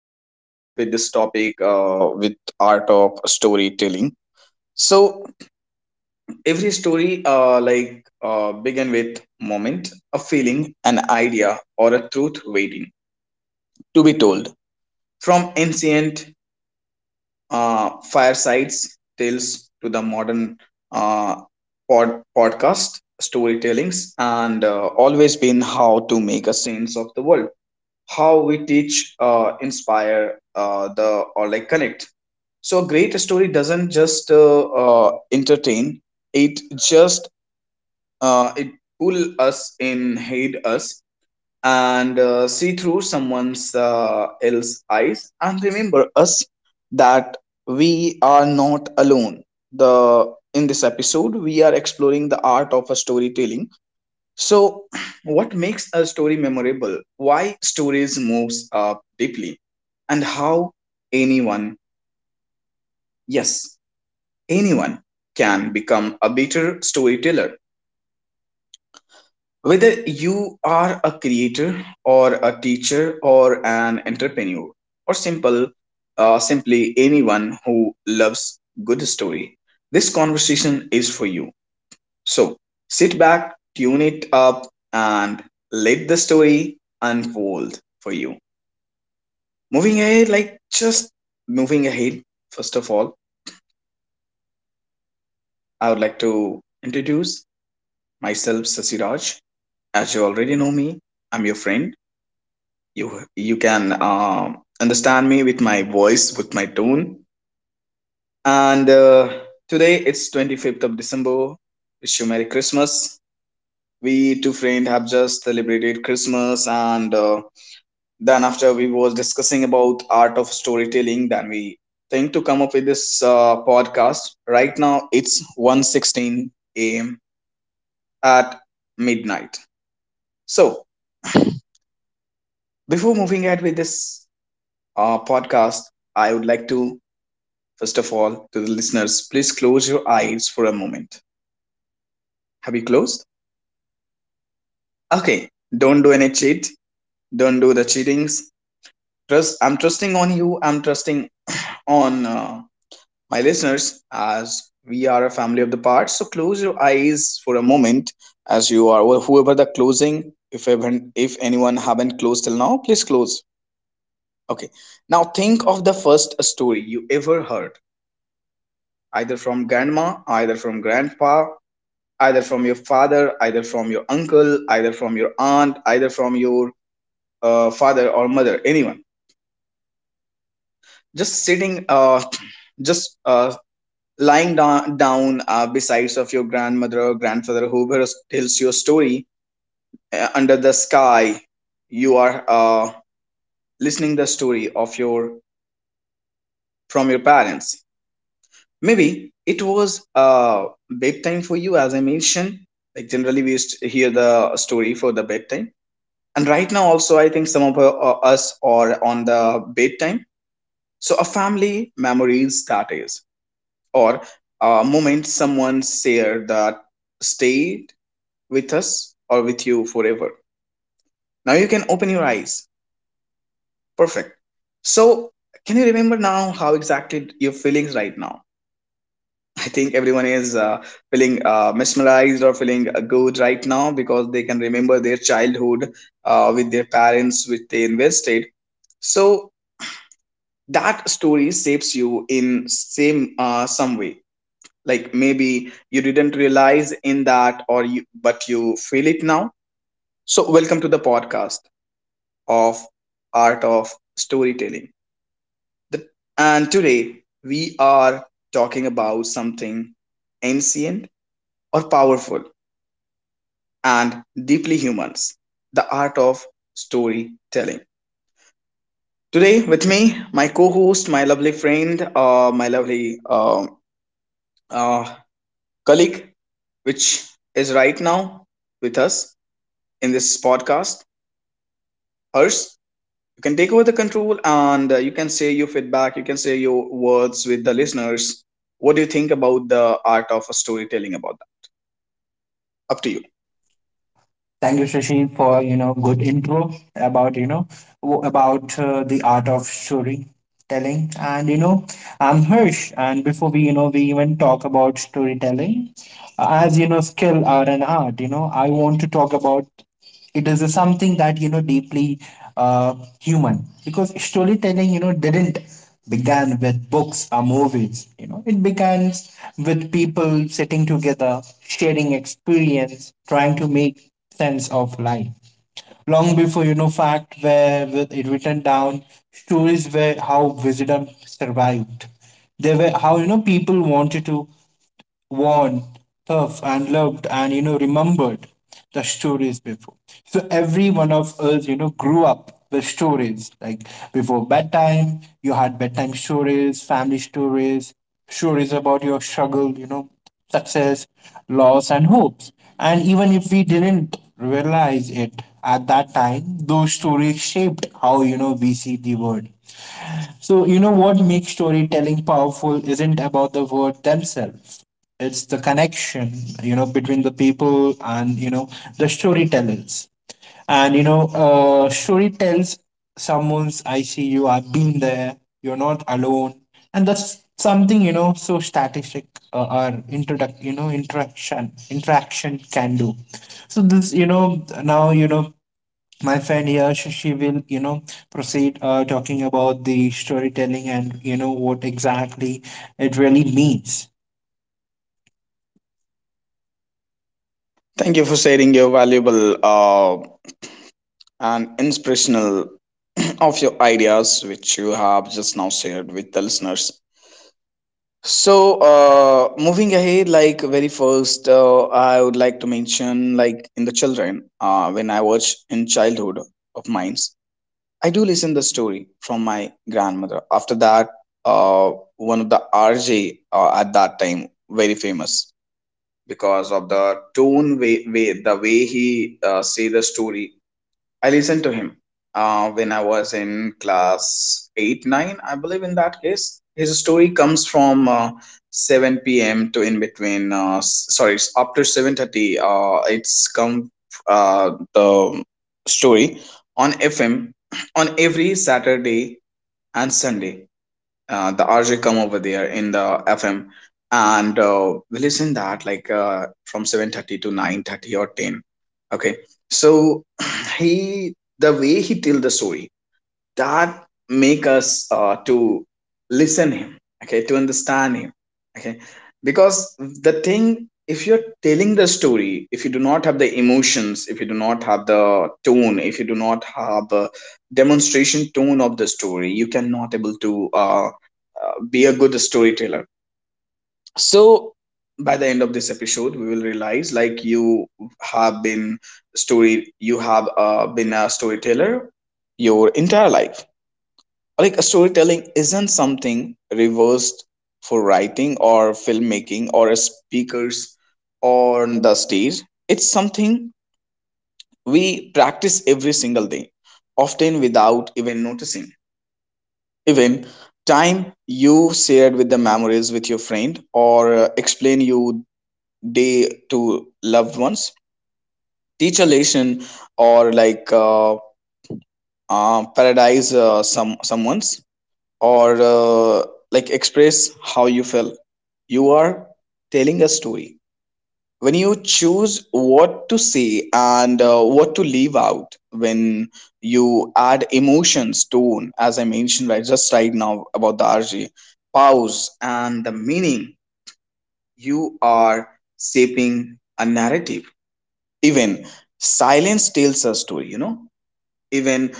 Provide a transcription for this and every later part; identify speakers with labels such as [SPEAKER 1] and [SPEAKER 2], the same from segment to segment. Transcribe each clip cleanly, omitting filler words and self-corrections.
[SPEAKER 1] with this topic with art of storytelling. So, every story begin with moment, a feeling, an idea, or a truth waiting to be told. From ancient firesides tales to the modern uh, podcast storytellings and always been how to make a sense of the world, how we teach, inspire, the or like connect. So a great story doesn't just entertain, it just it pull us in, hate us, and see through someone's else's eyes and remember us that we are not alone. The In this episode we are exploring the art of a storytelling. So what makes a story memorable, why stories moves up deeply, and how anyone, yes, anyone can become a better storyteller. Whether you are a creator or a teacher or an entrepreneur, or simply anyone who loves good story, this conversation is for you. So sit back, tune it up, and let the story unfold for you. Moving ahead, like just moving ahead. First of all, I would like to introduce myself, Sasiraj. As you already know me, I'm your friend. You you can understand me with my voice, with my tone. And today it's December 25th. Wish you Merry Christmas. We two friends have just celebrated Christmas, and then after we was discussing about art of storytelling, then we think to come up with this podcast. Right now it's 1:16 a.m. at midnight. So before moving ahead with this podcast, I would like to. First of all, to the listeners, please close your eyes for a moment. Have you closed? Okay, don't do any cheat. Don't do the cheatings. Trust. I'm trusting on you. I'm trusting on my listeners as we are a family of the parts. So close your eyes for a moment as you are well, whoever the closing. If even if anyone haven't closed till now, please close. Okay. Now think of the first story you ever heard, either from grandma, either from grandpa, either from your father, either from your uncle, either from your aunt, either from your father or mother, anyone. Just sitting, just lying down besides of your grandmother or grandfather, whoever tells your story under the sky. You are listening the story of your from your parents. Maybe it was bedtime for you, as I mentioned. Like generally, we used to hear the story for the bedtime, and right now also I think some of us are on the bedtime. So a family memories that is, or a moment someone shared, that stayed with us or with you forever. Now you can open your eyes. Perfect. So can you remember now how exactly your feelings right now? I think everyone is feeling mesmerized or feeling good right now because they can remember their childhood with their parents which they invested. So that story shapes you in same some way. Like maybe you didn't realize in that or you, but you feel it now. So welcome to the podcast of art of storytelling. the, and today we are talking about something ancient or powerful and deeply humans, the art of storytelling. Today with me my co-host, my lovely friend, my lovely uh, colleague, which is right now with us in this podcast. Harsh, you can take over the control and you can say your feedback, you can say your words with the listeners. What do you think about the art of storytelling about that? Up to you.
[SPEAKER 2] Thank you, Shashi, for good intro about the art of storytelling. And I'm Hirsch, and before we you know we even talk about storytelling, as you know skill are an art, I want to talk about It is something that deeply uh, human, because storytelling didn't began with books or movies. You know it began with people sitting together, sharing experience, trying to make sense of life. Long before fact were with it written down, stories were how wisdom survived. They were how people wanted to worn, tough, and loved, and remembered the stories before. So every one of us, grew up with stories like before bedtime. You had bedtime stories, family stories, stories about your struggle, success, loss, and hopes. And even if we didn't realize it at that time, those stories shaped how we see the world. So, what makes storytelling powerful isn't about the word themselves. It's the connection, between the people and, the storytellers. And, story tells someone's, I see you, I've been there, you're not alone. And that's something, so statistic or introduct, interaction, interaction can do. So now, my friend here, she will proceed talking about the storytelling and what exactly it really means.
[SPEAKER 1] Thank you for sharing your valuable and inspirational of your ideas which you have just now shared with the listeners. So, moving ahead, like very first, I would like to mention, like in the children, when I was in childhood of mines, I do listen the story from my grandmother. After that, uh, one of the RJ at that time very famous because of the tone way, way the way he say the story, I listened to him when I was in class 8 9, I believe, in that case. His story comes from 7 p.m. to in between, sorry, it's after 7:30. It's come the story on FM on every Saturday and Sunday. The RJ come over there in the FM, and we listen that like from 7:30 to 9:30 or 10. Okay. So he the way he tell the story, that make us to listen him, okay, to understand him, okay, because the thing, if you're telling the story, if you do not have the emotions, if you do not have the tone, if you do not have a demonstration tone of the story, you cannot able to be a good storyteller. So by the end of this episode, we will realize like you have been story, you have been a storyteller your entire life. Like storytelling isn't something reversed for writing or filmmaking or speakers on the stage. It's something we practice every single day, often without even noticing. Even time you shared with the memories with your friend, or explain you day to loved ones, teach a lesson, or like paradise someone's, or like express how you feel, you are telling a story. When you choose what to say and what to leave out, when you add emotions tone, as I mentioned right just right now about the RG, pause and the meaning, you are shaping a narrative. Even silence tells a story, you know. Even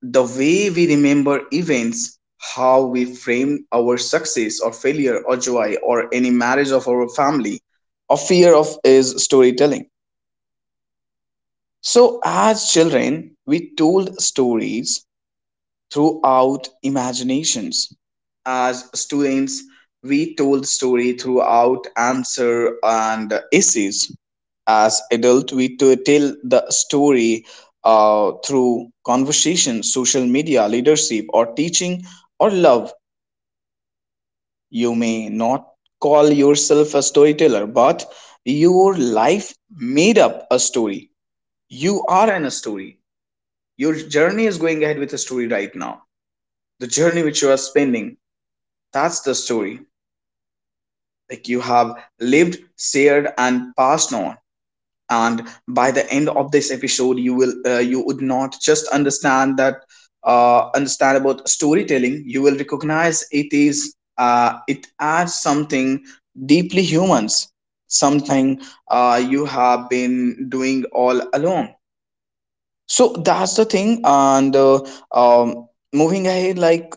[SPEAKER 1] the way we remember events, how we frame our success or failure or joy, or any marriage of our family or fear of, is storytelling. So, as children, we told stories throughout imaginations. As students, we told story throughout answer and essays. As adult, we to tell the story through conversation, social media, leadership, or teaching, or love. You may not call yourself a storyteller, but your life made up a story. You are in a story. Your journey is going ahead with a story right now. The journey which you are spending, that's the story. Like you have lived, shared, and passed on. And by the end of this episode, you will you would not just understand that, understand about storytelling. You will recognize it is it adds something deeply humans, something you have been doing all along. So that's the thing. And moving ahead, like,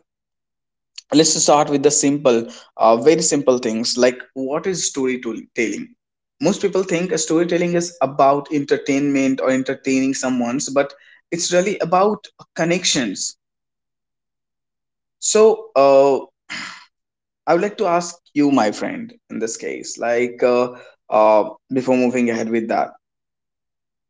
[SPEAKER 1] let's start with the simple, very simple things like what is storytelling? Most people think storytelling is about entertainment or entertaining someone's, but it's really about connections. So, I would like to ask you, my friend, in this case, like before moving ahead with that,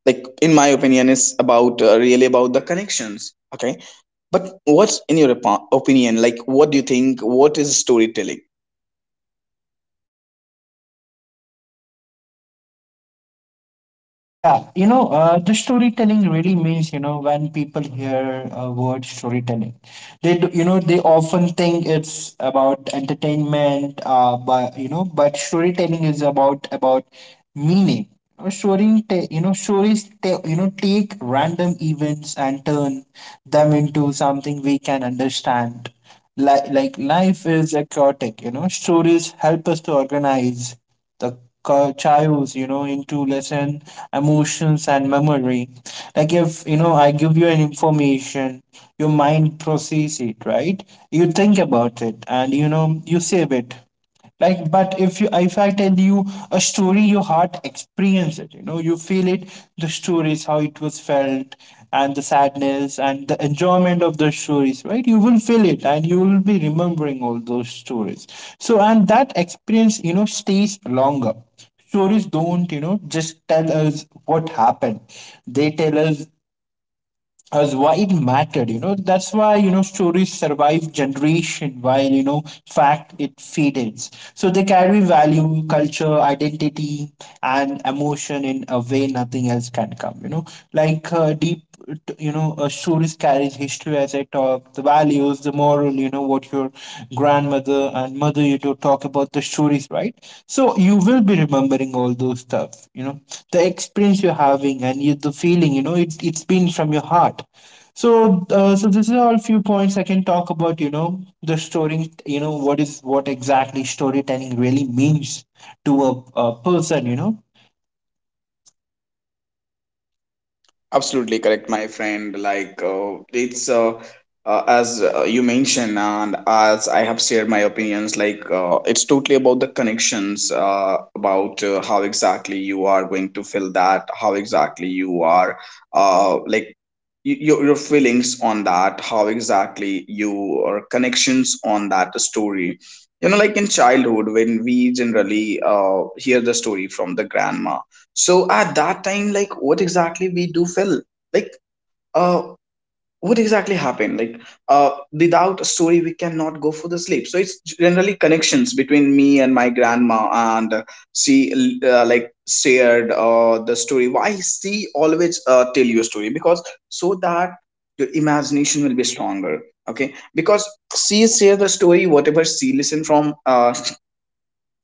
[SPEAKER 1] like in my opinion, it's about really about the connections. Okay, but what's in your opinion? Like, what do you think? What is storytelling?
[SPEAKER 2] Yeah, the storytelling really means, when people hear a word storytelling, they do, they often think it's about entertainment, but storytelling is about meaning. You Story, stories, take random events and turn them into something we can understand. Like life is a chaotic, Stories help us to organize the chaos, into lesson, emotions, and memory. Like, if you know, I give you an information, your mind process it, right? You think about it, and you save it. Like, but if I tell you a story, your heart experience it, you feel it. The stories, how it was felt, and the sadness and the enjoyment of the stories, right? You will feel it and you will be remembering all those stories. So, and that experience, stays longer. Stories don't, just tell us what happened. They tell us as why it mattered. You know that's why, stories survive generation, while fact it fades. So they carry value, culture, identity, and emotion in a way nothing else can come, like deep stories carries history. As I talk, the values, the moral, what your grandmother and mother you to talk about the stories, right? So you will be remembering all those stuff, the experience you're having and the feeling, it, it's been from your heart. So so this is all few points I can talk about, the story, what is what exactly storytelling really means to a person,
[SPEAKER 1] Absolutely correct, my friend. Like it's as you mentioned, and as I have shared my opinions, like it's totally about the connections, about how exactly you are going to feel that, how exactly you are, like your feelings on that, how exactly your connections on that story. You know, like in childhood, when we generally hear the story from the grandma, so at that time, like what exactly we do feel, like uh what exactly happened, like without a story we cannot go for the sleep. So it's generally connections between me and my grandma, and she like shared the story. Why she always tell you a story? Because so that your imagination will be stronger, okay, because she share the story whatever she listen uh,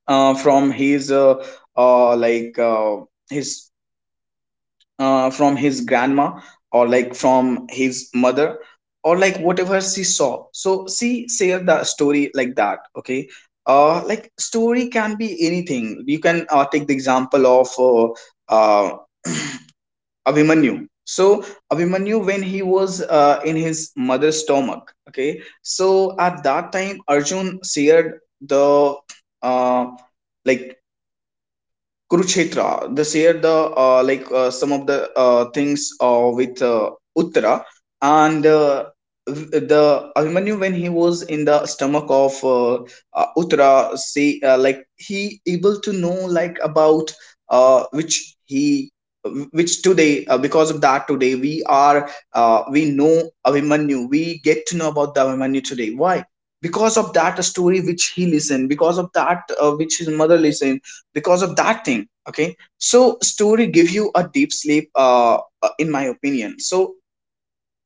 [SPEAKER 1] uh from uh like uh, his from his grandma, or like from his mother, or like whatever she saw, so she shared the story like that. Okay. Like story can be anything. You can take the example of uh abimanyu. So Abhimanyu, when he was in his mother's stomach, okay, so at that time Arjun shared the uh like Kurukshetra. They share the some of the things with Uttara, and the Abhimanyu when he was in the stomach of Uttara, say like he able to know like about uh, which he which today, because of that today we are we know Abhimanyu. We get to know about the Abhimanyu today. Why? Because of that story which he listened, because of that which his mother listened, because of that thing. Okay, so story give you a deep sleep, in my opinion. So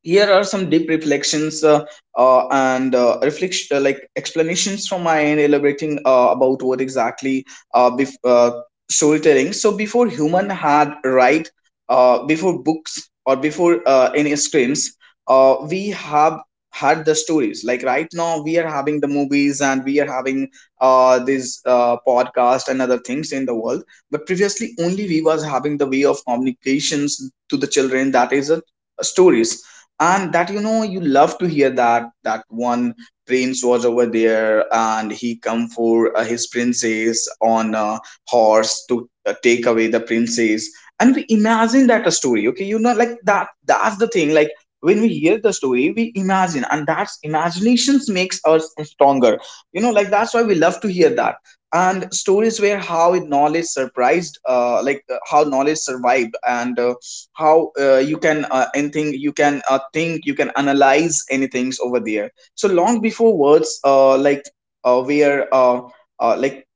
[SPEAKER 1] here are some deep reflections, and reflection, like explanations from my end elaborating about what exactly uh, bef- uh, storytelling. So before human had, right, before books or before any screens, we have had the stories. Like right now we are having the movies and we are having this podcast and other things in the world, but previously only we was having the way of communications to the children, that is a stories. And that you love to hear that, that one prince was over there and he come for his princess on a horse to take away the princess. And we imagine that, a story. Okay, like that, that's the thing, like when we hear the story we imagine, and that's imaginations makes us stronger, like that's why we love to hear that. And stories where how knowledge surprised, how knowledge survived, and how you can, anything you can think, you can analyze anything over there. So long before words were, uh, like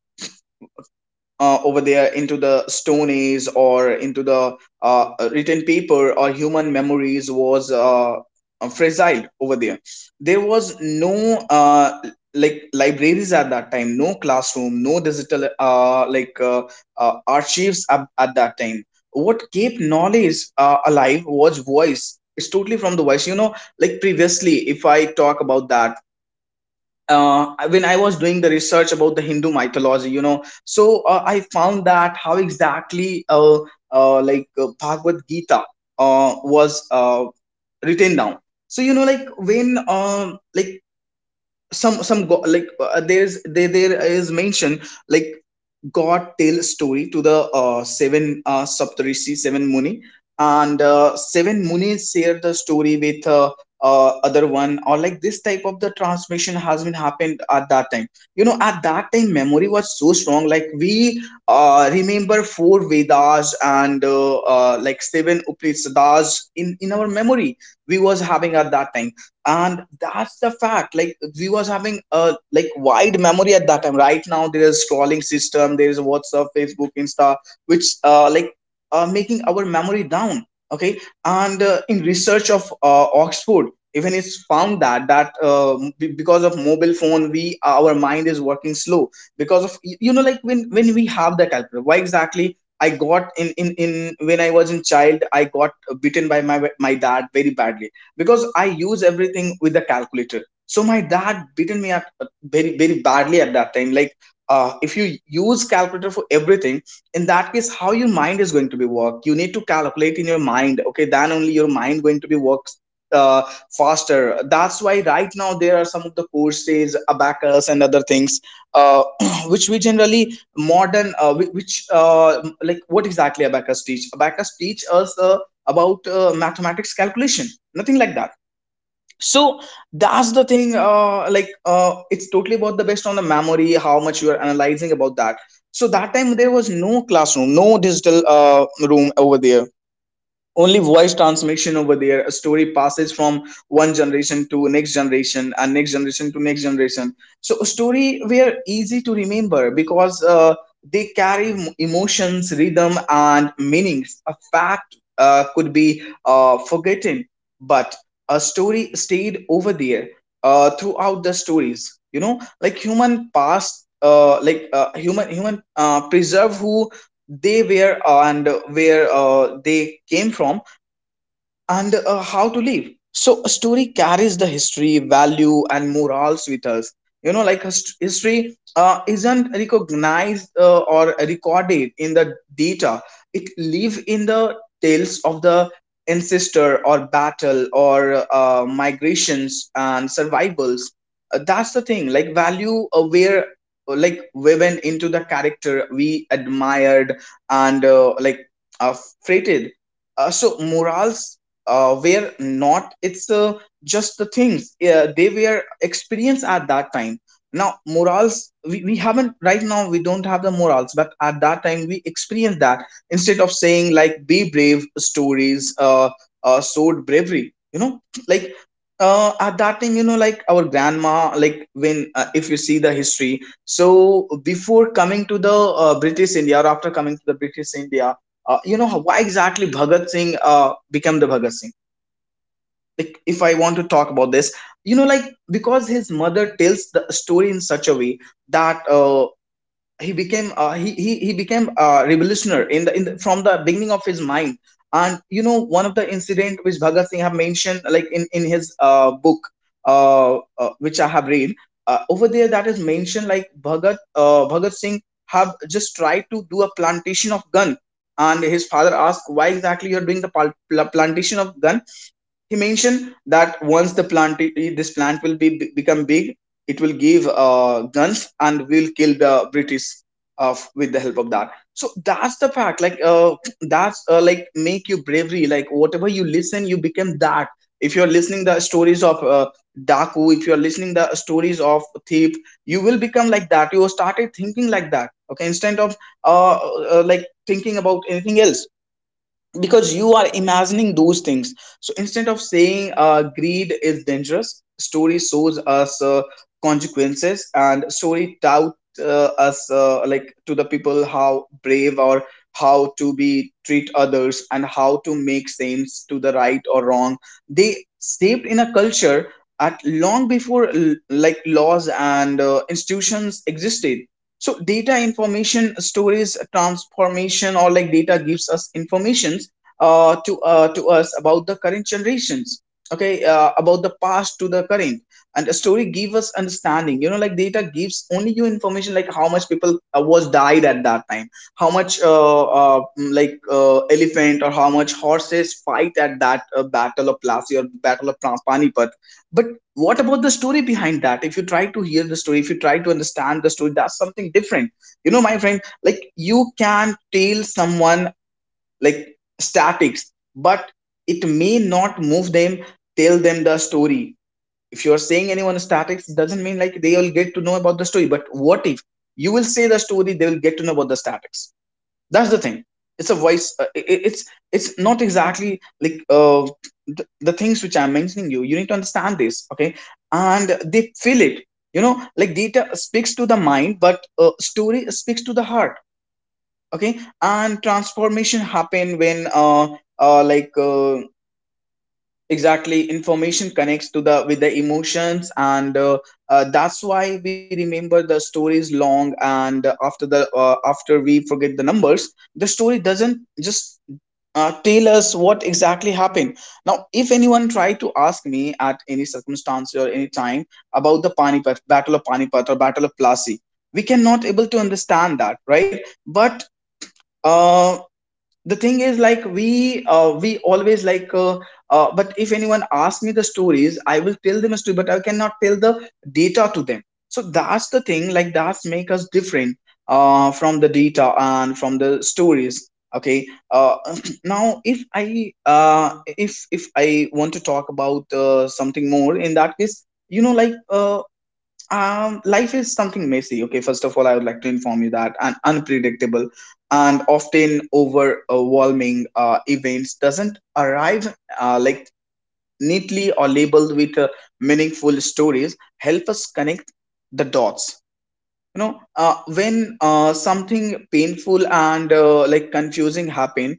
[SPEAKER 1] over there into the stone age, or into the written paper, or human memories was fragile over there. There was no like libraries at that time, no classroom, no digital archives at that time. What kept knowledge alive was voice. It's totally from the voice. Like previously if I talk about that, when I was doing the research about the Hindu mythology, so I found that how exactly Bhagavad Gita was written down. So like when some go- like there's, there is mention, like God tells story to the seven Saptarishi, seven Muni. And seven Munis share the story with other one, or like this type of the transmission has been happened at that time. At that time memory was so strong, like we remember four Vedas and seven Upanishads in our memory we was having at that time. And that's the fact, like we was having a like wide memory at that time. Right now there is scrolling system, there is WhatsApp, Facebook, Insta, which are making our memory down. Okay. And in research of Oxford, even it's found that because of mobile phone, we our mind is working slow. Because of like when we have the calculator. Why exactly I got in when I was in child I got bitten by my dad very badly, because I use everything with the calculator. So my dad beaten me at very, very badly at that time. Like, if you use calculator for everything, in that case, how your mind is going to be work? You need to calculate in your mind. Okay, then only your mind going to be works uh, faster. That's why right now there are some of the courses, abacus, and other things, uh, which we generally modern, which what exactly abacus teach? Abacus teach us a about mathematics calculation, nothing like that. So that's the thing, it's totally about the based on the memory, how much you are analyzing about that. So that time there was no classroom, no digital room over there, only voice transmission over there. A story passes from one generation to next generation, and next generation to next generation, so a story were easy to remember because they carry emotions, rhythm, and meanings. A fact could be forgotten, but a story stayed over there throughout the stories. Like human past, human preserve who they were and where they came from, and how to live. So a story carries the history, value, and morals with us. Like history isn't recognized or recorded in the data. It live in the tales of the ancestor, or battle, or migrations and survivals. That's the thing. Like value, where woven into the character we admired, and uh, freighted, so morals were not, it's just the things they were experienced at that time. Now morals, we haven't right now, we don't have the morals, but at that time we experienced that. Instead of saying like be brave, stories showed bravery, like at that time, like our grandma, like when if you see the history. So before coming to the British India, or after coming to the British India, why exactly Bhagat Singh became the Bhagat Singh? Like, if I want to talk about this, like because his mother tells the story in such a way that he became a revolutionary in the from the beginning of his mind. And one of the incident which Bhagat Singh have mentioned, like in his book, which I have read over there, that is mentioned, like Bhagat Singh have just tried to do a plantation of gun. And his father asked, why exactly you're doing the plantation of gun? He mentioned that once the plant, this plant will be become big, it will give guns and will kill the British with the help of that. So that's the fact, that's like make you bravery. Like whatever you listen you become that. If you're listening the stories of daku, if you're listening the stories of thief, you will become like that. You started thinking like that. Okay, instead of uh, thinking about anything else, because you are imagining those things. So instead of saying greed is dangerous, story shows us consequences, and story tout us, to the people how brave, or how to be treat others, and how to make sense to the right or wrong. They shaped in a culture at long before like laws and institutions existed. So data information storage transformation, or like data gives us informations to us about the current generations. Okay, about the past to the current, and a story gives us understanding. Like data gives only you information, like how much people was died at that time, how much elephant, or how much horses fight at that battle of Plassey or battle of Panipat. But what about the story behind that? If you try to hear the story, if you try to understand the story, that's something different. My friend, like you can tell someone like statics, but it may not move them. Tell them the story. If you are saying anyone statics, it doesn't mean like they will get to know about the story. But what if you will say the story, they will get to know about the statics. That's the thing. It's a voice, it's not exactly like, the things which I'm mentioning, you need to understand this. Okay. And they feel it. Like data speaks to the mind, but story speaks to the heart. Okay. And transformation happen when uh like uh, exactly information connects to the with the emotions, and that's why we remember the stories long, and after the after we forget the numbers, the story doesn't just tell us what exactly happened. Now if anyone try to ask me at any circumstance or any time about the Panipat, battle of Panipat or battle of Plassey, we cannot able to understand that, right? But uh, the thing is, like we always like, but if anyone asks me the stories I will tell them a story, but I cannot tell the data to them. So that's the thing, like that's make us different from the data and from the stories. Okay. Now if I want to talk about something more, in that case, like life is something messy. Okay, first of all, I would like to inform you that an unpredictable and often overwhelming events doesn't arrive like neatly or labeled with meaningful stories. Help us connect the dots. When something painful and confusing happen,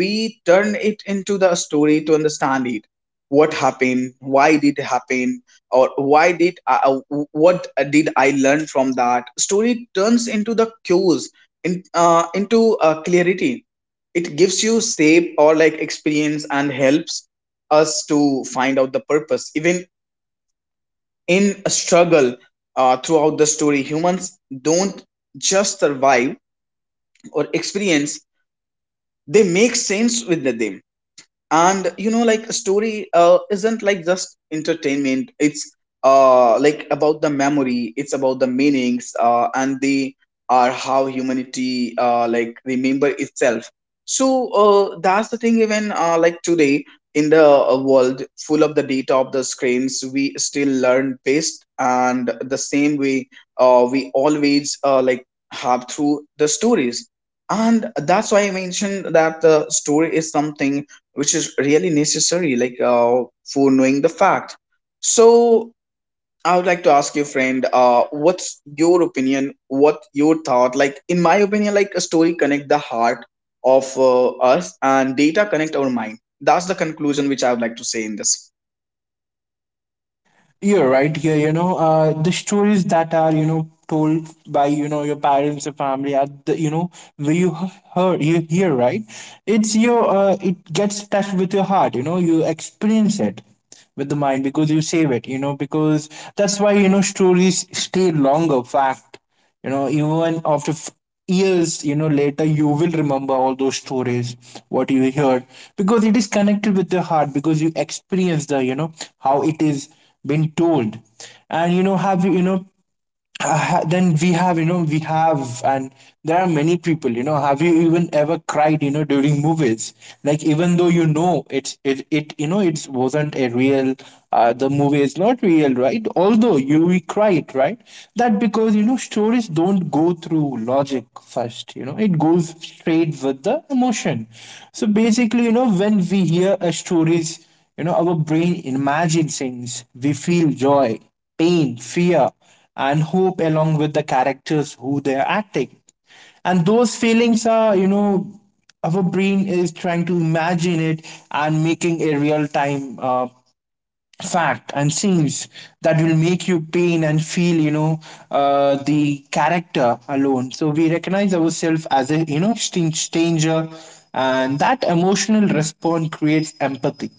[SPEAKER 1] we turn it into the story to understand it. What happened, why did it happen, or what did I learn from that? Story turns into the cues into clarity. It gives you shape or like experience and helps us to find out the purpose even in a struggle throughout the story. Humans don't just survive or experience, they make sense with them. And you know like a story isn't like just entertainment, it's like about the memory, it's about the meanings, and they are how humanity like remember itself. So that's the thing. Even like today in the world full of the data of the screens, we still learn best and the same way we always like have through the stories. And that's why I mentioned that the story is something which is really necessary, for knowing the fact. So I would like to ask you, friend, what's your opinion, what your thought? Like in my opinion, like a story connect the heart of us, and data connect our mind. That's the conclusion which I would like to say in this.
[SPEAKER 2] You're right here, the stories that are, told by, your parents, your family, are the, where heard, you hear, right? It's your, it gets touched with your heart, you experience it with the mind because you save it, because that's why, stories stay longer, fact even after years, later, you will remember all those stories what you heard, because it is connected with the heart, because you experience the, how it is been told. And you know have you you know ha- then we have you know we have. And there are many people, have you even ever cried, during movies? Like, even though, it's it, it you know it wasn't a real the movie is not real, right? Although, you we cried, right? That because, stories don't go through logic first, it goes straight with the emotion. So basically, when we hear a stories, our brain imagines things, we feel joy, pain, fear, and hope along with the characters who they're acting. And those feelings are, our brain is trying to imagine it and making a real time fact and scenes that will make you pain and feel, the character alone. So we recognize ourselves as a, stranger, and that emotional response creates empathy.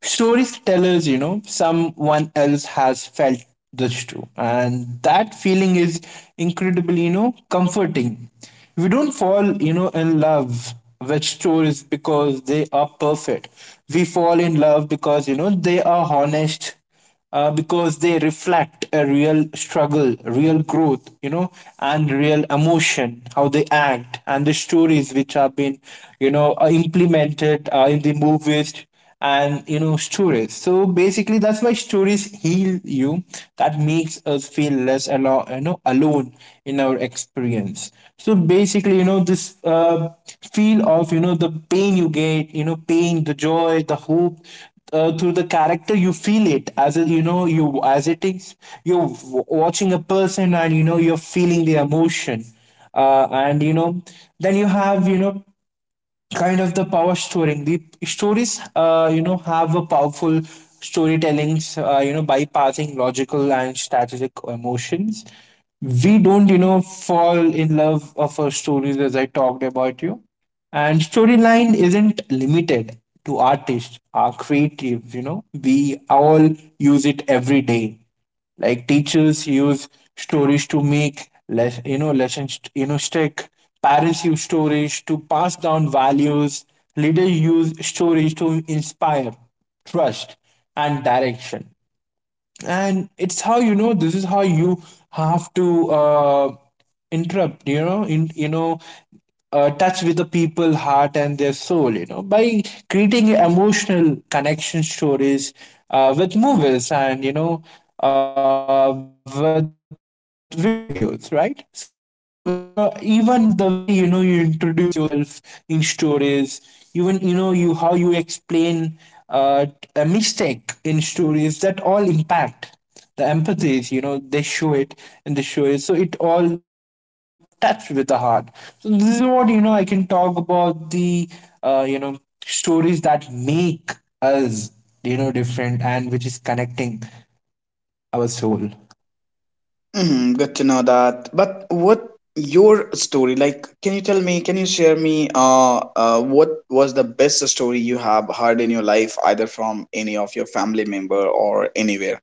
[SPEAKER 2] Stories tell us, someone else has felt this too, and that feeling is incredibly, comforting. We don't fall, in love which stories because they are perfect. We fall in love because, they are honest, because they reflect a real struggle, real growth, and real emotion, how they act, and the stories which have been, implemented in the movies and stories. So basically, that's why stories heal you, that makes us feel less alone in our experience. So basically, this feel of, the pain you get, pain, the joy, the hope through the character, you feel it as it, you as it is, you're watching a person, and you're feeling the emotion, and you know then you have, kind of the power storing the stories, have a powerful storytellings, bypassing logical and strategic emotions. We don't, fall in love of our stories, as I talked about you. And storyline isn't limited to artists are creative, we all use it every day. Like teachers use stories to make lessons, stick. Parents use stories to pass down values. Leaders use stories to inspire trust and direction. And it's how, this is how you have to interrupt, you know in you know touch with the people heart and their soul, by creating emotional connection stories with movies and with videos, right? So even the way, you introduce yourself in stories, even, you how you explain uh, a mistake in stories, that all impact the empathies, they show it, and they show it, so it all touched with the heart. So this is what, I can talk about the uh, you know stories that make us, different, and which is connecting our soul.
[SPEAKER 1] Hmm, good to know that. But what your story like? Can you tell me, can you share me uh, what was the best story you have heard in your life, either from any of your family member or anywhere?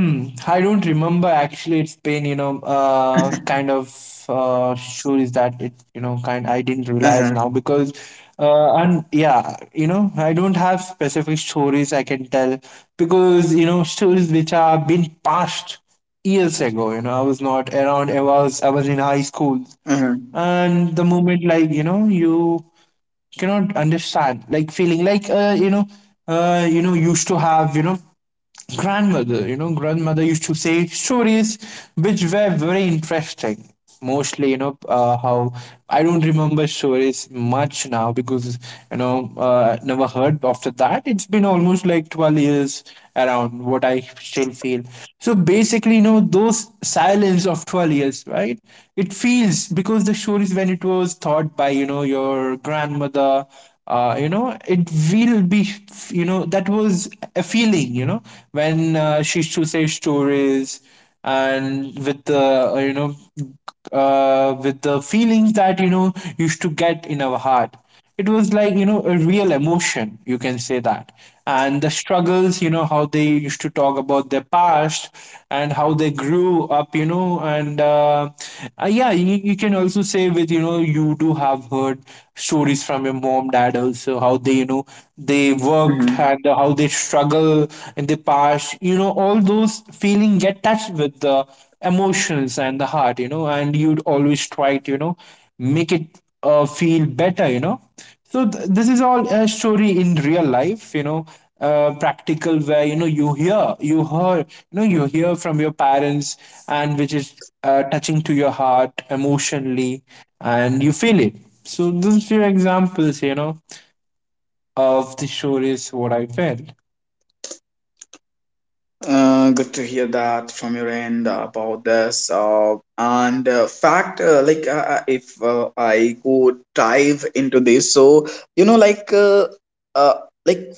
[SPEAKER 2] Hmm, I don't remember actually. It's been, kind of stories that it, kind I didn't
[SPEAKER 1] Uh
[SPEAKER 2] realize
[SPEAKER 1] huh.
[SPEAKER 2] now because, and yeah, I don't have specific stories I can tell because, stories which are been passed years ago. I was not around. I was in high school,
[SPEAKER 1] Uh huh.
[SPEAKER 2] and the moment like, you cannot understand like feeling like used to have, grandmother. Grandmother used to say stories which were very interesting. Mostly, how I don't remember stories much now because, never heard after that. It's been almost like 12 years around what I still feel. So basically, those silence of 12 years, right? It feels because the stories when it was taught by, your grandmother, it will be, that was a feeling, when she used to say stories, and with the, with the feelings that, used to get in our heart, it was like, a real emotion, you can say that. And the struggles, how they used to talk about their past, and how they grew up, And yeah, you can also say you do have heard stories from your mom, dad also, how they, they
[SPEAKER 1] Uh huh.
[SPEAKER 2] worked and how they struggle in the past, all those feeling get touched with the emotions and the heart, and you'd always try to, make it feel better. So this is all a story in real life, practical where you hear from your parents, and which is touching to your heart emotionally, and you feel it. So those few examples of the stories what I felt.
[SPEAKER 1] Good to hear that from your end about this. And fact, if I go dive into this. so you know, like uh, uh, like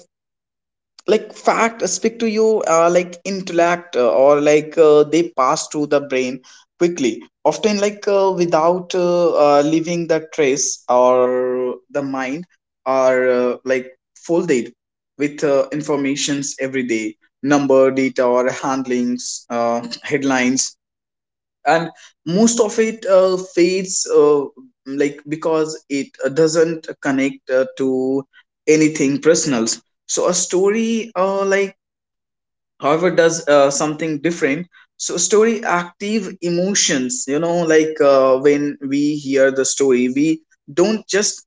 [SPEAKER 1] like fact speak to you, like intellect, or like they pass through the brain quickly, often without leaving the trace or the mind. Are like folded with informations every day: number, data or handlings, headlines. And most of it fades, like because it doesn't connect to anything personal. So a story, like, however does something different. So story active emotions. You know, like when we hear the story, we don't just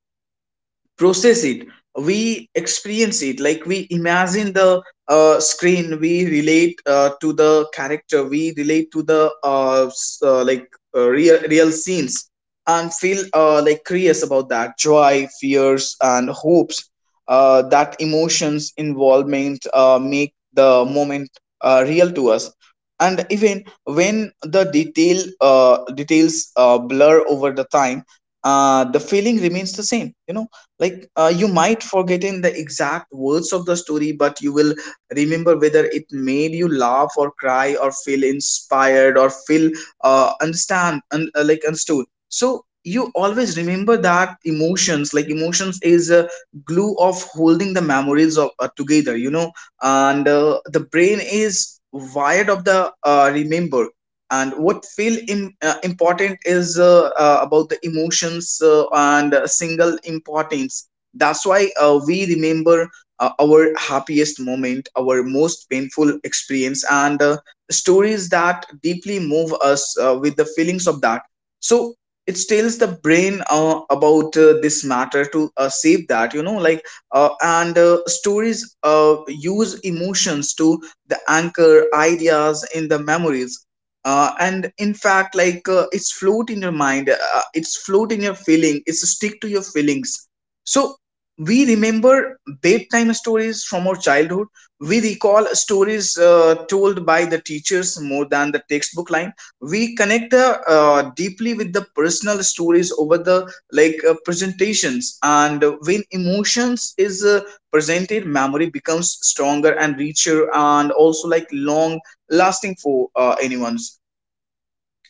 [SPEAKER 1] process it, we experience it. Like we imagine the screen, we relate to the character, we relate to the real scenes and feel like curious about that, joy, fears and hopes. That emotions involvement make the moment real to us. And even when the details blur over the time, the feeling remains the same. You know, like you might forget in the exact words of the story, but you will remember whether it made you laugh or cry or feel inspired or feel understand un- like understood. So you always remember that emotions. Like emotions is a glue of holding the memories of together, you know. And the brain is wired of the remember. And what feel important is about the emotions and single importance. That's why we remember our happiest moment, our most painful experience, and stories that deeply move us with the feelings of that. So it tells the brain about this matter to save that, you know. Like uh, and uh, stories use emotions to the anchor ideas in the memories. And in fact, it's float in your mind, it's float in your feeling, it's stick to your feelings. So we remember bedtime stories from our childhood, we recall stories told by the teachers more than the textbook line, we connect the, deeply with the personal stories over the presentations. And when emotions is presented, memory becomes stronger and richer and also like long lasting for anyone.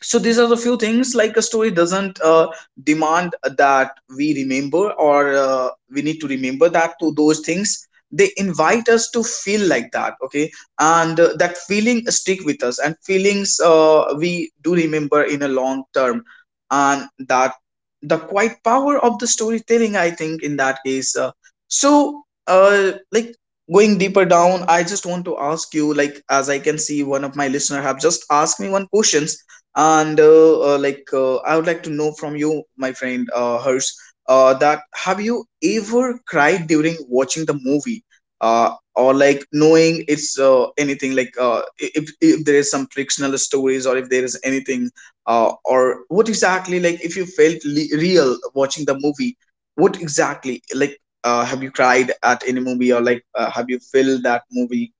[SPEAKER 1] So these are the few things. Like a story doesn't demand that we remember, or we need to remember that to those things. They invite us to feel like that, okay. And that feeling stick with us, and feelings we do remember in a long term. And that the quiet power of the storytelling, I think, in that case, like going deeper down, I just want to ask you, like, as I can see, one of my listener have just asked me one question. And I would like to know from you, my friend Hers, that have you ever cried during watching the movie, or like knowing it's anything like if there is some fictional stories, or if there is anything, or what exactly, like, if you felt real watching the movie, what exactly, like have you cried at any movie, or have you felt that movie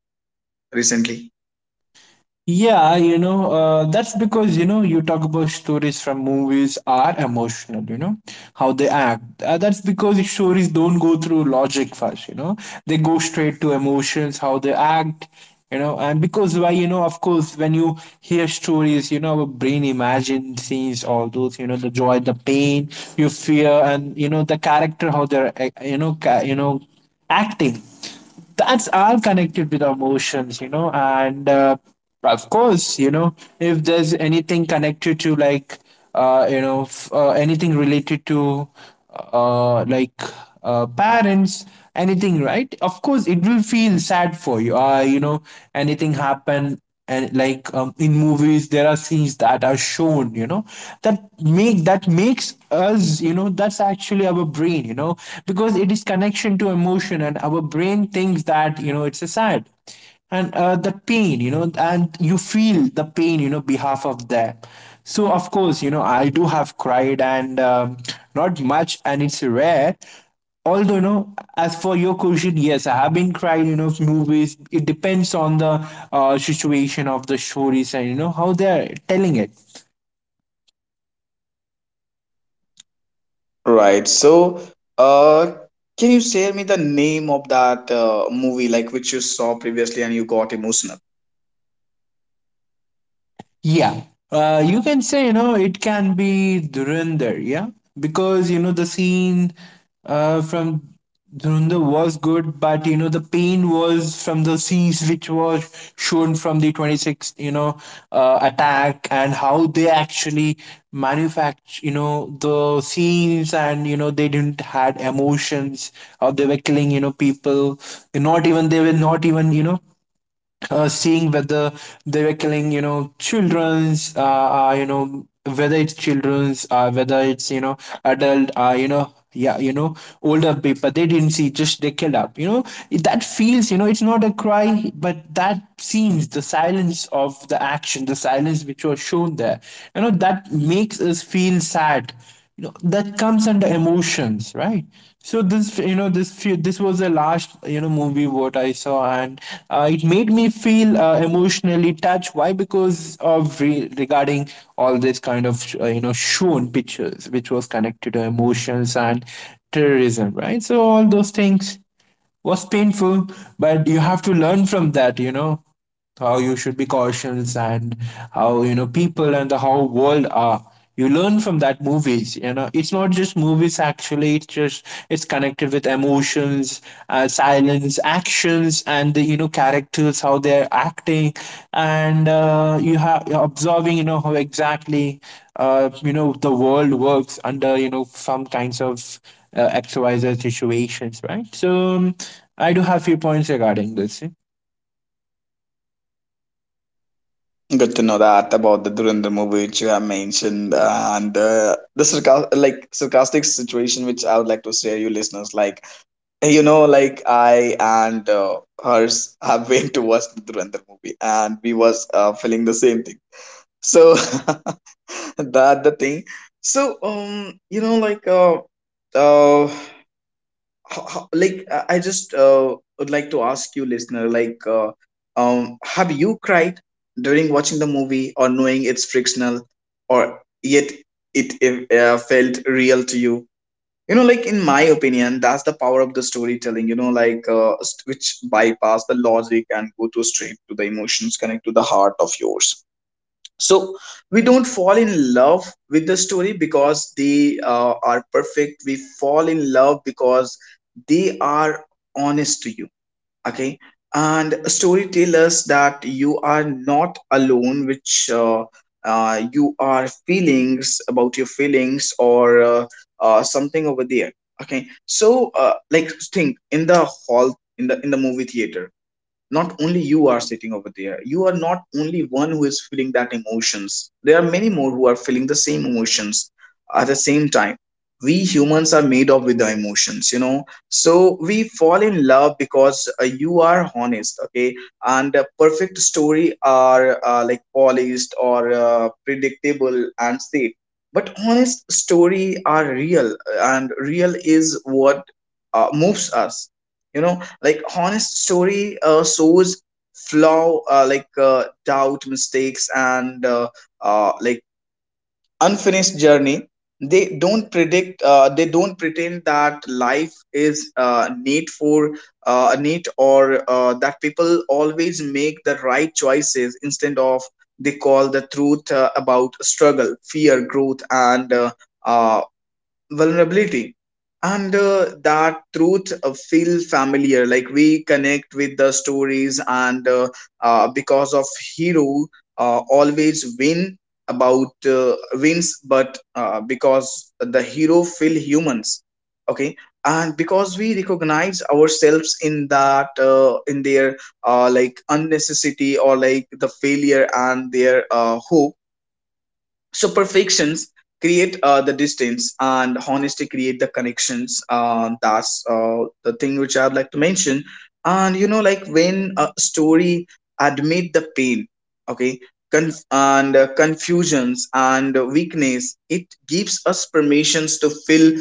[SPEAKER 1] recently?
[SPEAKER 2] Yeah, that's because you talk about stories from movies are emotional, how they act. That's because the stories don't go through logic first, they go straight to emotions, how they act, and because why, of course, when you hear stories, our brain imagine scenes, all those, the joy, the pain, you fear, and, the character, how they're acting. That's all connected with our emotions, and of course, if there's anything connected to like anything related to uh, like parents, anything, right? Of course it will feel sad for you, you know anything happen. And like in movies there are scenes that are shown, that makes us, that's actually our brain, because it is connection to emotion, and our brain thinks that it's a sad, and the pain, and you feel the pain, behalf of them. So of course, I do have cried, and not much, and it's rare. Although, as for your question, yes, I have been crying, of movies. It depends on the situation of the stories and how they're telling it.
[SPEAKER 1] Right. So, uh, can you share me the name of that movie, like which you saw previously and you got emotional?
[SPEAKER 2] Yeah. You can say, it can be Dhurandhar, yeah? Because, the scene from Dhurandhar was good, but, the pain was from the scenes which was shown from the 26th, attack, and how they actually manufacture, the scenes, and, they didn't had emotions, or they were killing, people. Not even, they were not even, seeing whether they were killing, children's, whether it's children's, whether it's, adult, older people. They didn't see, just they killed up, you know. That feels, it's not a cry, but that scenes, the silence of the action, the silence which was shown there, that makes us feel sad, that comes under emotions, right? So this was the last movie what I saw, and it made me feel emotionally touched. Why? Because of regarding all this kind of shown pictures which was connected to emotions and terrorism, right? So all those things was painful, but you have to learn from that, how you should be cautious and how, people and the how world are. You learn from that movies, It's not just movies actually, it's just it's connected with emotions, silence, actions, and the, characters, how they're acting, and you have you're observing, how exactly, the world works under, some kinds of XYZ situations, right? So, um, I do have few points regarding this.
[SPEAKER 1] Good to know that about the Durandar movie which you have mentioned. And the sarcastic, like sarcastic situation, which I would like to share you listeners, like you know like I and Hers have went to watch the Durandar movie, and we was feeling the same thing, so that the thing. So you know like uh ho- ho- like I just would like to ask you listener, have you cried during watching the movie or knowing it's fictional, or yet it felt real to you? You know, like, in my opinion, that's the power of the storytelling. You know, like which bypass the logic and go to straight to the emotions, connect to the heart of yours. So we don't fall in love with the story because they are perfect, we fall in love because they are honest to you. Okay? And a story tells us that you are not alone, which you are feelings about your feelings, or something over there. Okay, so like, think in the hall, in the movie theater, not only you are sitting over there, you are not only one who is feeling that emotions, there are many more who are feeling the same emotions at the same time. We humans are made up with the emotions, you know. So we fall in love because you are honest, okay. And a perfect story are like polished or predictable and safe, but honest story are real, and real is what moves us, you know. Like honest story shows flaw, doubt, mistakes and like unfinished journey. They don't predict, they don't pretend that life is neat, or that people always make the right choices. Instead of, they call the truth about struggle, fear, growth and uh, vulnerability. And that truth feel familiar, like we connect with the stories, and because of hero always win about wins, but because the hero feel humans. Okay? And because we recognize ourselves in that, in their like unnecessity, or like the failure, and their hope. So perfections create the distance, and honesty create the connections. That's the thing which I'd like to mention. And you know, like, when a story admit the pain, okay, conf- and confusions and weakness, it gives us permissions to feel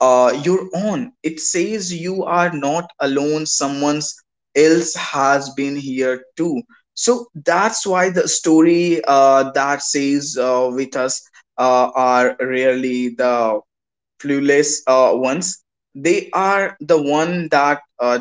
[SPEAKER 1] your own. It says you are not alone, someone else has been here too. So that's why the story that says with us are rarely the clueless ones. They are the one that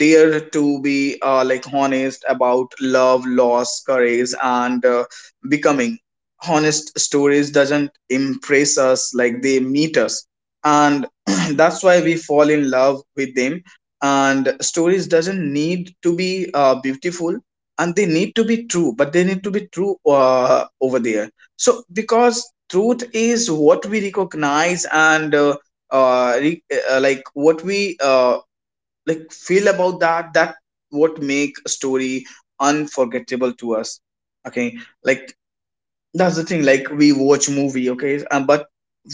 [SPEAKER 1] dare to be like honest about love, loss, courage and becoming. Honest stories doesn't impress us, like they meet us. And that's why we fall in love with them. And stories doesn't need to be beautiful, and they need to be true, but they need to be true over there. So because truth is what we recognize, and uh, re- what we like feel about that, that what make a story unforgettable to us. Okay, like, that's the thing. Like, we watch movie, okay, but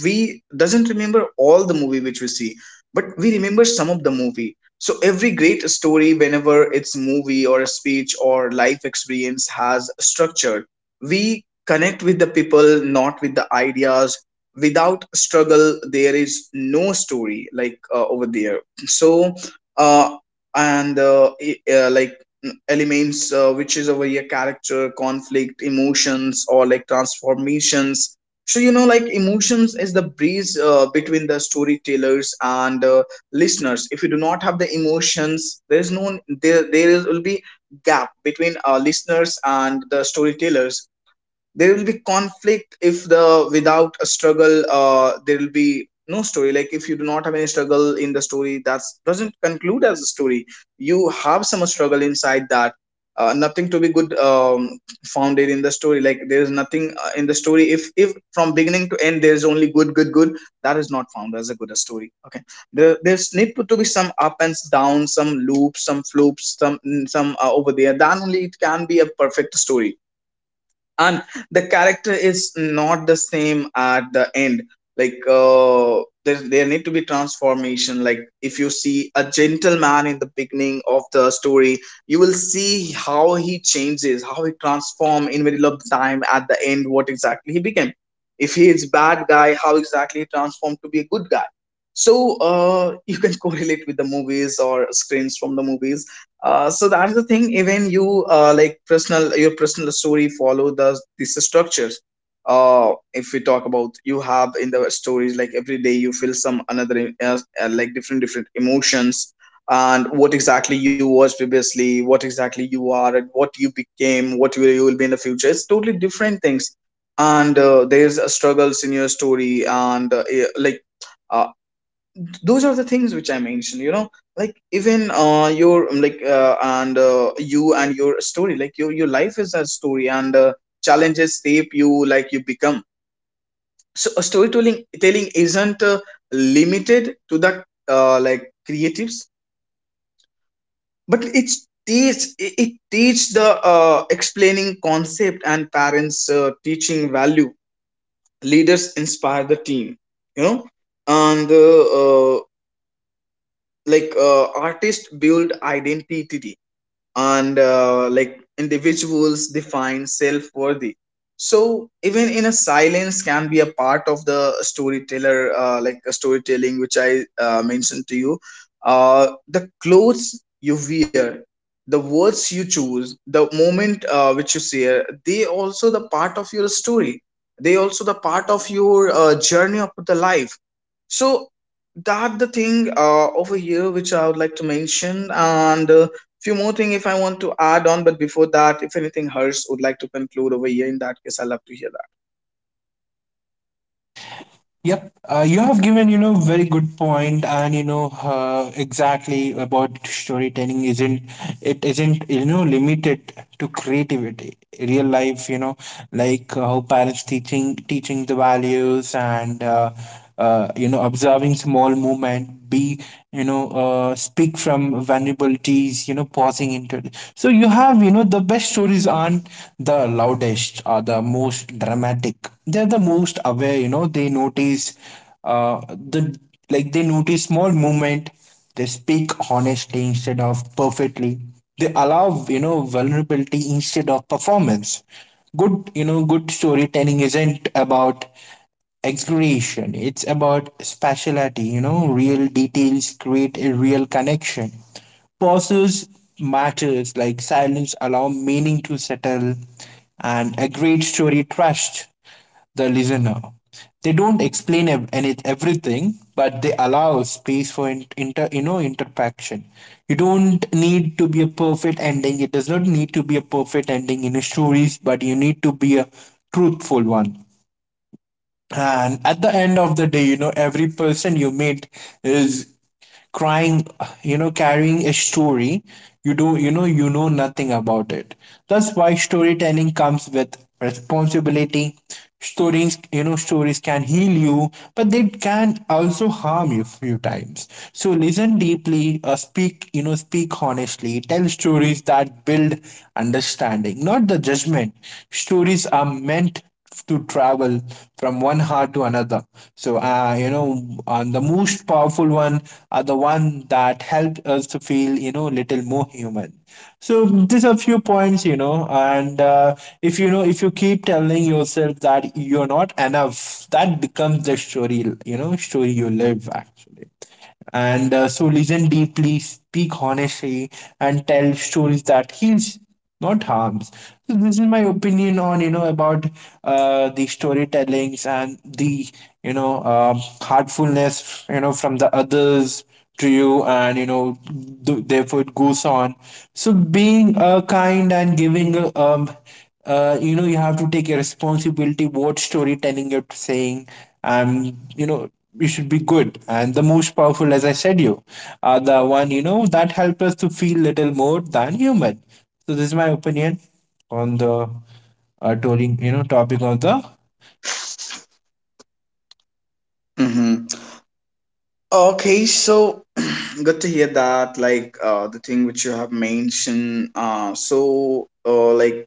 [SPEAKER 1] we doesn't remember all the movie which we see, but we remember some of the movie. So every great story, whenever it's movie or a speech or life experience, has a structure. We connect with the people, not with the ideas. Without struggle, there is no story, over there. So, uh, and I- like elements which is over here: character conflict emotions or like transformations. So like emotions is the breeze between the storytellers and listeners. If you do not have the emotions, there is no there will be gap between listeners and the storytellers. There will be conflict if the without a struggle there will be no story, like if you do not have any struggle in the story, that doesn't conclude as a story. You have some struggle inside that. Nothing to be good founded in the story, like there is nothing in the story if from beginning to end there is only good good good, that is not found as a good story. Okay, there's need to be some up and down, some loops, some floops, some over there, then only it can be a perfect story. And the character is not the same at the end. Like there need to be transformation. Like if you see a gentleman in the beginning of the story, you will see how he changes, how he transform in middle of the time, at the end what exactly he became. If he is bad guy, how exactly he transformed to be a good guy. So you can correlate with the movies or screens from the movies. So that's the thing. Even you, like personal, your personal story follow the these structures. If we talk about you have in the stories, like every day you feel some another like different different emotions, and what exactly you was previously, what exactly you are, and what you became, what you will be in the future. It's totally different things, and there's struggles in your story, and Uh, those are the things which I mentioned. Like even your like and you and your story, like your life is a story, and challenges shape you, like you become. So a storytelling telling isn't limited to the like creatives, but it teach the explaining concept, and parents teaching value, leaders inspire the team, you know and uh, like artist build identity, and like individuals define self-worthy. So even in a silence can be a part of the storyteller, like a storytelling which I mentioned to you. The clothes you wear, the words you choose, the moment which you share, they also the part of your story. They also the part of your journey of the life. So that the thing over here which I would like to mention, and few more thing if I want to add on. But before that, if anything Hers would like to conclude over here, in that case, I love to hear that.
[SPEAKER 2] Yep, you have given very good point, and exactly about storytelling isn't, it isn't, limited to creativity. Real life, how parents teaching the values and. Observing small movement, be, speak from vulnerabilities, pausing into it. So you have, the best stories aren't the loudest or the most dramatic, they're the most aware, they notice uh, the like they notice small movement. They speak honestly instead of perfectly. They allow vulnerability instead of performance. Good, good storytelling isn't about exaggeration. It's about speciality, real details create a real connection. Pauses matters, like silence allow meaning to settle, and a great story trusts the listener. They don't explain everything, but they allow space for interaction. You don't need to be a perfect ending. It does not need to be a perfect ending in a stories, but you need to be a truthful one. And at the end of the day, every person you meet is crying, carrying a story. You do, you know nothing about it. That's why storytelling comes with responsibility. Stories, stories can heal you, but they can also harm you few times. So listen deeply, speak, speak honestly. Tell stories that build understanding, not the judgment. Stories are meant to travel from one heart to another. So, and the most powerful one are the one that helped us to feel, little more human. So these are few points, and if, if you keep telling yourself that you're not enough, that becomes the story, story you live actually. And so listen deeply, speak honestly, and tell stories that heals, not harms. So this is my opinion on, about the storytellings and the, heartfulness, from the others to you. And therefore it goes on. So being kind and giving a, you have to take a responsibility what storytelling you're saying. um, you know you should be good, and the most powerful, as I said, you are the one, that help us to feel little more than human. So this is my opinion on the touring, topic on the
[SPEAKER 1] Hmm. Okay, so good to hear that. Like the thing which you have mentioned. Uh, so uh, like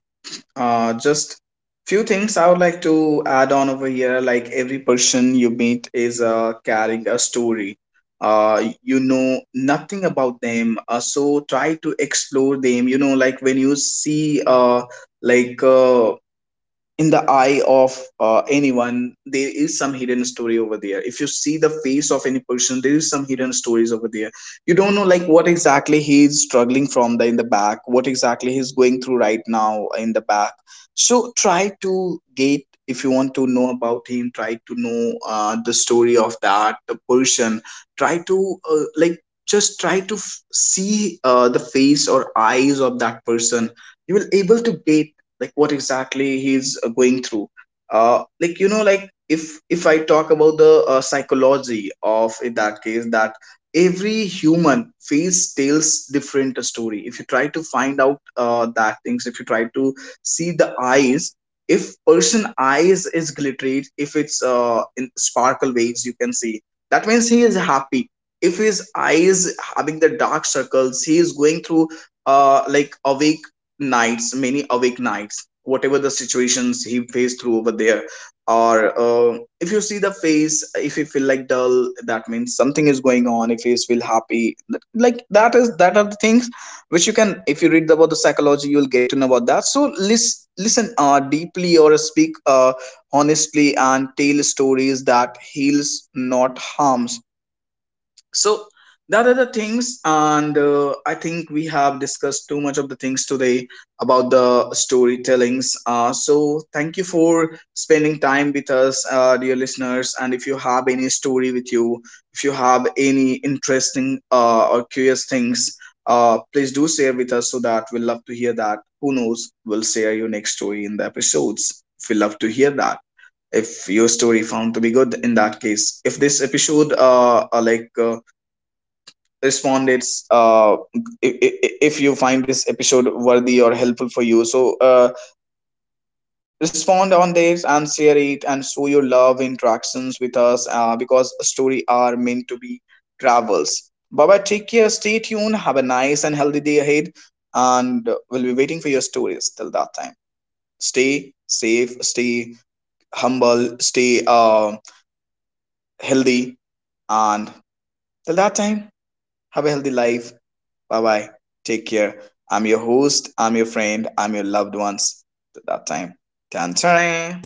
[SPEAKER 1] uh, Just few things I would like to add on over here. Like every person you meet is carrying a story. You know nothing about them, so try to explore them. You know, like when you see like uh, in the eye of anyone, there is some hidden story over there. If you see the face of any person, there is some hidden stories over there. You don't know like what exactly he is struggling from the in the back, what exactly he's going through right now in the back. So try to get, if you want to know about him, try to know the story of that the person. Try to like just try to see the face or eyes of that person. You will able to get like what exactly he's going through. You know, like if I talk about the psychology of in that case, that every human face tells different story. If you try to find out that things, if you try to see the eyes, if person eyes is glittered, if it's in sparkle waves, you can see that means he is happy. If his eyes having the dark circles, he is going through like a week nights, many awake nights, whatever the situations he faced through over there. Or if you see the face, if you feel like dull, that means something is going on. If you feel happy, like that is that are the things which you can. If you read about the psychology, you'll get to know about that. So listen deeply or speak honestly, and tell stories that heals, not harms. So that are the things, and I think we have discussed too much of the things today about the storytellings. So thank you for spending time with us, dear listeners. And if you have any story with you, if you have any interesting or curious things, please do share with us, so that we'll love to hear that. Who knows, we'll share your next story in the episodes, if we love to hear that. If your story found to be good, in that case, if this episode respond, it's if, if you find this episode worthy or helpful for you, so respond on this and share it and show your love interactions with us, because story are meant to be travels. Bye bye. Take care. Stay tuned. Have a nice and healthy day ahead, and we'll be waiting for your stories till that time. Stay safe, stay humble, stay healthy, and till that time, have a healthy life. Bye bye. Take care. I'm your host. I'm your friend. I'm your loved ones. Till that time. Tan tan.